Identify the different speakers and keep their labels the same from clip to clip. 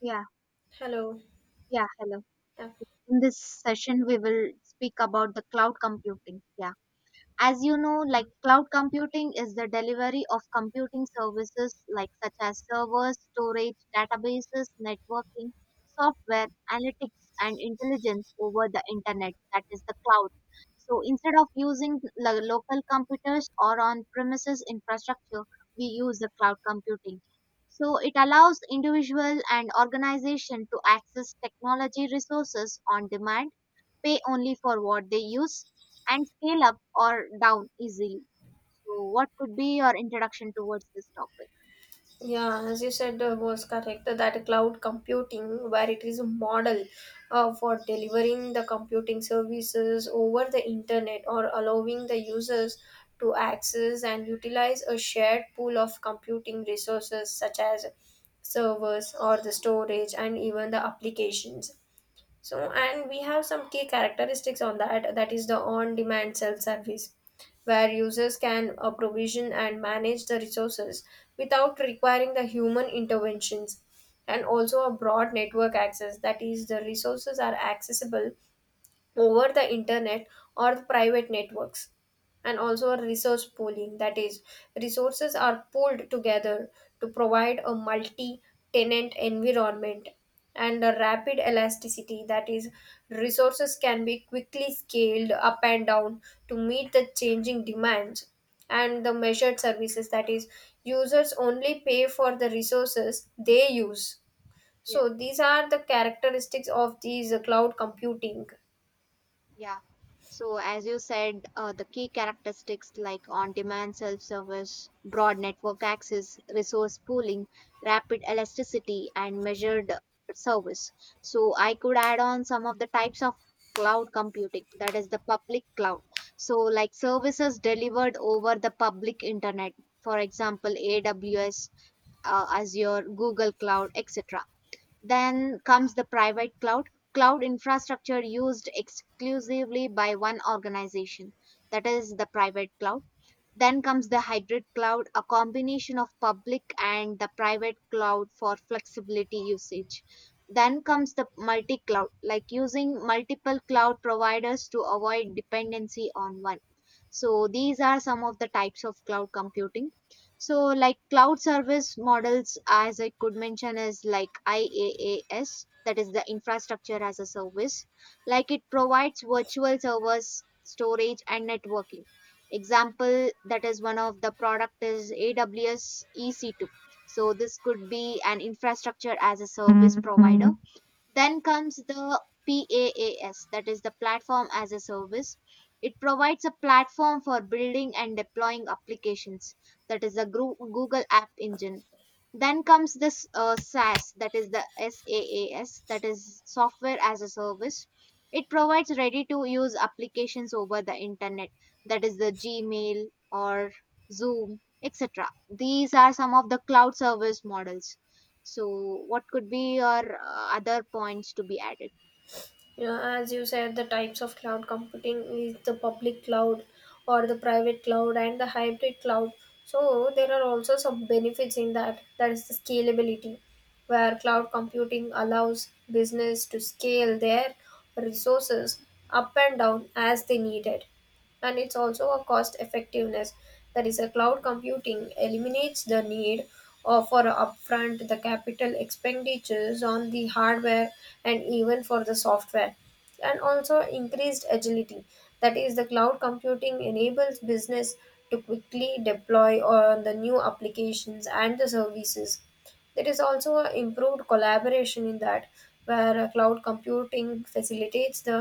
Speaker 1: Yeah,
Speaker 2: Hello.
Speaker 1: yeah, hello.
Speaker 2: Yeah,
Speaker 1: In this session, we will speak about the cloud computing. Yeah. As you know, like cloud computing is the delivery of computing services like such as servers, storage, databases, networking, software, analytics and intelligence over the internet, that is the cloud. So instead of using local computers or on premises infrastructure, we use the cloud computing. So it allows individual and organization to access technology resources on demand, pay only for what they use, and scale up or down easily. So, what could be your introduction towards this topic?
Speaker 2: yeah. As you said, was correct that cloud computing, where it is a model for delivering the computing services over the internet, or allowing the users to access and utilize a shared pool of computing resources such as servers or the storage and even the applications. So, and we have some key characteristics on that. That is the on demand self service, where users can provision and manage the resources without requiring the human interventions, and also a broad network access, that is, the resources are accessible over the internet or private networks, and also a resource pooling, that is resources are pooled together to provide a multi tenant environment, and a rapid elasticity, that is resources can be quickly scaled up and down to meet the changing demands, and the measured services, that is users only pay for the resources they use.
Speaker 1: Yeah.
Speaker 2: So these are the characteristics of these cloud computing.
Speaker 1: Yeah. So as you said, the key characteristics like on-demand self-service, broad network access, resource pooling, rapid elasticity, and measured service. So I could add on some of the types of cloud computing, that is the public cloud. So like services delivered over the public internet, for example, AWS, Azure, Google Cloud, etc. Then comes the private cloud, cloud infrastructure used exclusively by one organization, that is the private cloud. Then comes the hybrid cloud, a combination of public and the private cloud for flexibility usage. Then comes the multi cloud, like using multiple cloud providers to avoid dependency on one. So, these are some of the types of cloud computing. So, like cloud service models, as I could mention, is like IaaS, that is the infrastructure as a service. Like it provides virtual servers, storage, and networking, example that is one of the product is AWS EC2. So this could be an infrastructure as a service provider. Then comes the PaaS, that is the platform as a service. It provides a platform for building and deploying applications, that is the Google App Engine. Then comes this SaaS, that is the SaaS, that is software as a service. It provides ready to use applications over the internet, that is the Gmail or Zoom, etc. These are some of the cloud service models. So, what could be your other points to be added?
Speaker 2: You know, as you said, the types of cloud computing is the public cloud or the private cloud and the hybrid cloud. So there are also some benefits in that. That is the scalability, where cloud computing allows business to scale their resources up and down as they need it, and it's also a cost effectiveness, that is a cloud computing eliminates the need or for upfront the capital expenditures on the hardware and even for the software, and also increased agility, that is the cloud computing enables business to quickly deploy on the new applications and the services. There is also a improved collaboration in that, where cloud computing facilitates the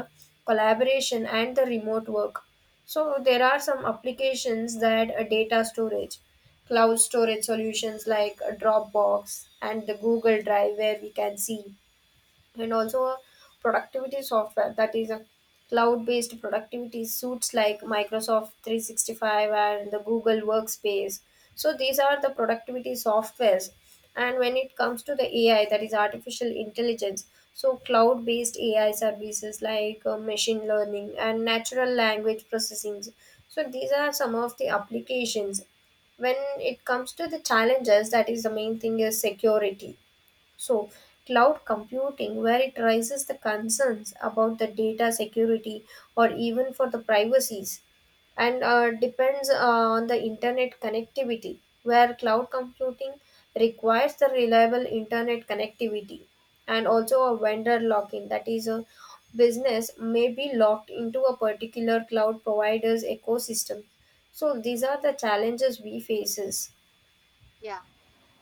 Speaker 2: collaboration and the remote work. So there are some applications. That data storage, cloud storage solutions like Dropbox and the Google Drive where we can see, and also a productivity software, that is a cloud-based productivity suites like Microsoft 365 and the Google Workspace. So these are the productivity softwares. And when it comes to the AI, that is artificial intelligence, so cloud-based AI services like machine learning and natural language processing. So these are some of the applications. When it comes to the challenges, that is the main thing is security. So, cloud computing, where it raises the concerns about the data security or even for the privacies, and depends on the internet connectivity, where cloud computing requires the reliable internet connectivity, and also a vendor lock in, that is, a business may be locked into a particular cloud provider's ecosystem. So, these are the challenges we faces.
Speaker 1: Yeah.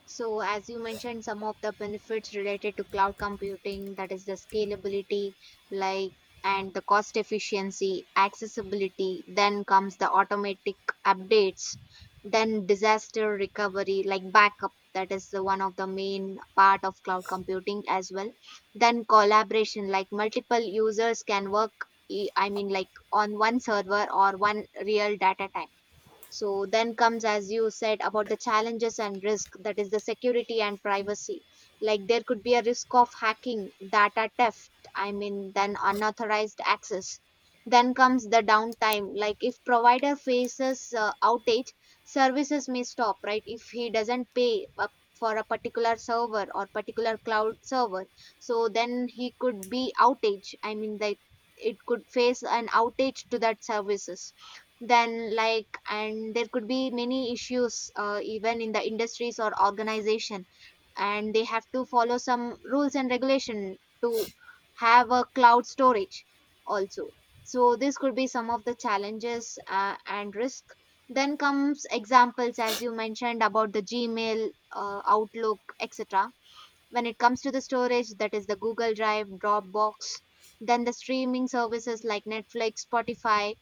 Speaker 1: So, as you mentioned, some of the benefits related to cloud computing, that is the scalability, like, and the cost efficiency, accessibility, then comes the automatic updates, then disaster recovery, like backup, that is the one of the main part of cloud computing as well. Then collaboration, like multiple users can work, I mean, like on one server or one real data type. So then comes, as you said, about the challenges and risk, that is the security and privacy. Like there could be a risk of hacking, data theft, I mean, then unauthorized access. Then comes the downtime, like if provider faces outage, services may stop, right? If he doesn't pay up for a particular server or particular cloud server, so then he could be outage. I mean, like it could face an outage to that services. Then like and there could be many issues even in the industries or organization, and they have to follow some rules and regulation to have a cloud storage also. So this could be some of the challenges and risk. Then comes examples as you mentioned about the Gmail, Outlook, etc. When it comes to the storage, that is the Google Drive, Dropbox. Then the streaming services like Netflix, Spotify.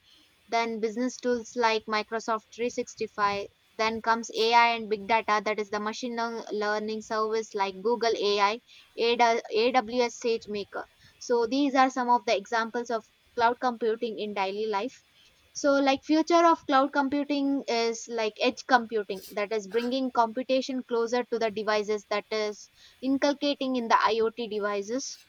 Speaker 1: Then business tools like Microsoft 365. Then comes AI and big data, that is the learning service like Google AI, AWS SageMaker. So these are some of the examples of cloud computing in daily life. So like future of cloud computing is like edge computing, that is bringing computation closer to the devices, that is inculcating in the IoT devices.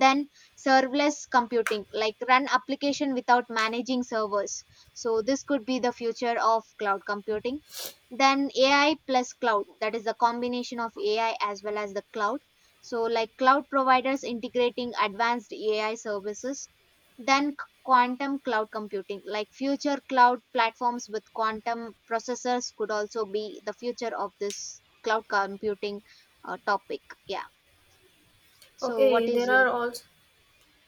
Speaker 1: Then serverless computing, like run application without managing servers. So this could be the future of cloud computing. Then AI plus cloud, that is the combination of AI as well as the cloud. So like cloud providers integrating advanced AI services. Then quantum cloud computing, like future cloud platforms with quantum processors could also be the future of this cloud computing topic. Yeah. So
Speaker 2: Okay,
Speaker 1: what
Speaker 2: there
Speaker 1: is your yeah.
Speaker 2: are also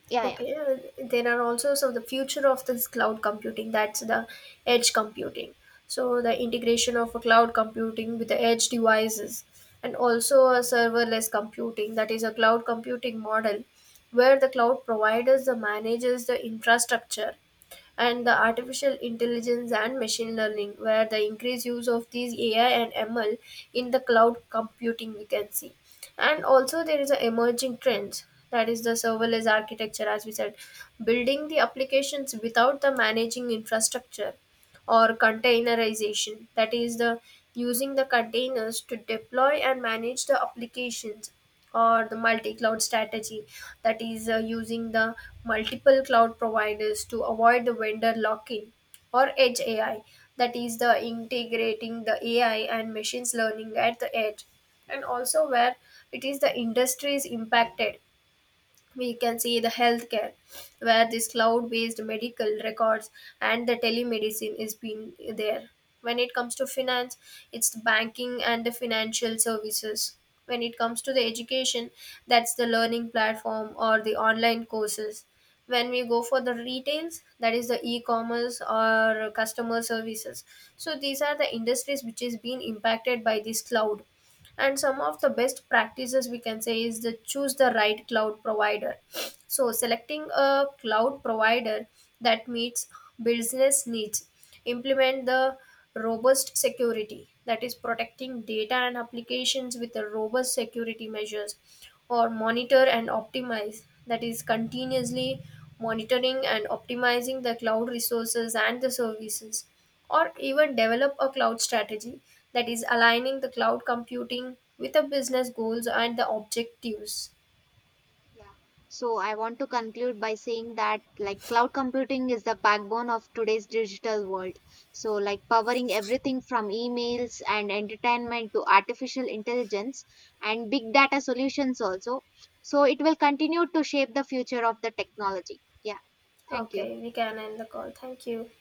Speaker 1: Yeah.
Speaker 2: Okay, there are also, so the future of this cloud computing, that's the edge computing. So the integration of a cloud computing with the edge devices, and also a serverless computing, that is a cloud computing model where the cloud providers the manages the infrastructure, and the artificial intelligence and machine learning, where the increased use of these AI and ML in the cloud computing we can see. And also there is an emerging trend, that is the serverless architecture, as we said, building the applications without the managing infrastructure, or containerization, that is the using the containers to deploy and manage the applications, or the multi-cloud strategy, that is using the multiple cloud providers to avoid the vendor lock-in, or edge AI, that is the integrating the AI and machines learning at the edge. And also, where it is the industry is impacted, we can see the healthcare, where this cloud based medical records and the telemedicine is being there. When it comes to finance, it's the banking and the financial services. When it comes to the education, that's the learning platform or the online courses. When we go for the retails, that is the e-commerce or customer services. So these are the industries which is being impacted by this cloud. And some of the best practices we can say is the choose the right cloud provider, so, selecting a cloud provider that meets business needs, implement the robust security, that is protecting data and applications with the robust security measures, or monitor and optimize, that is continuously monitoring and optimizing the cloud resources and the services, or even develop a cloud strategy, that is aligning the cloud computing with the business goals and the objectives.
Speaker 1: Yeah. So I want to conclude by saying that like cloud computing is the backbone of today's digital world. So like powering everything from emails and entertainment to artificial intelligence and big data solutions also. So it will continue to shape the future of the technology. Yeah. Thank you.
Speaker 2: Okay, we can end the call. Thank you.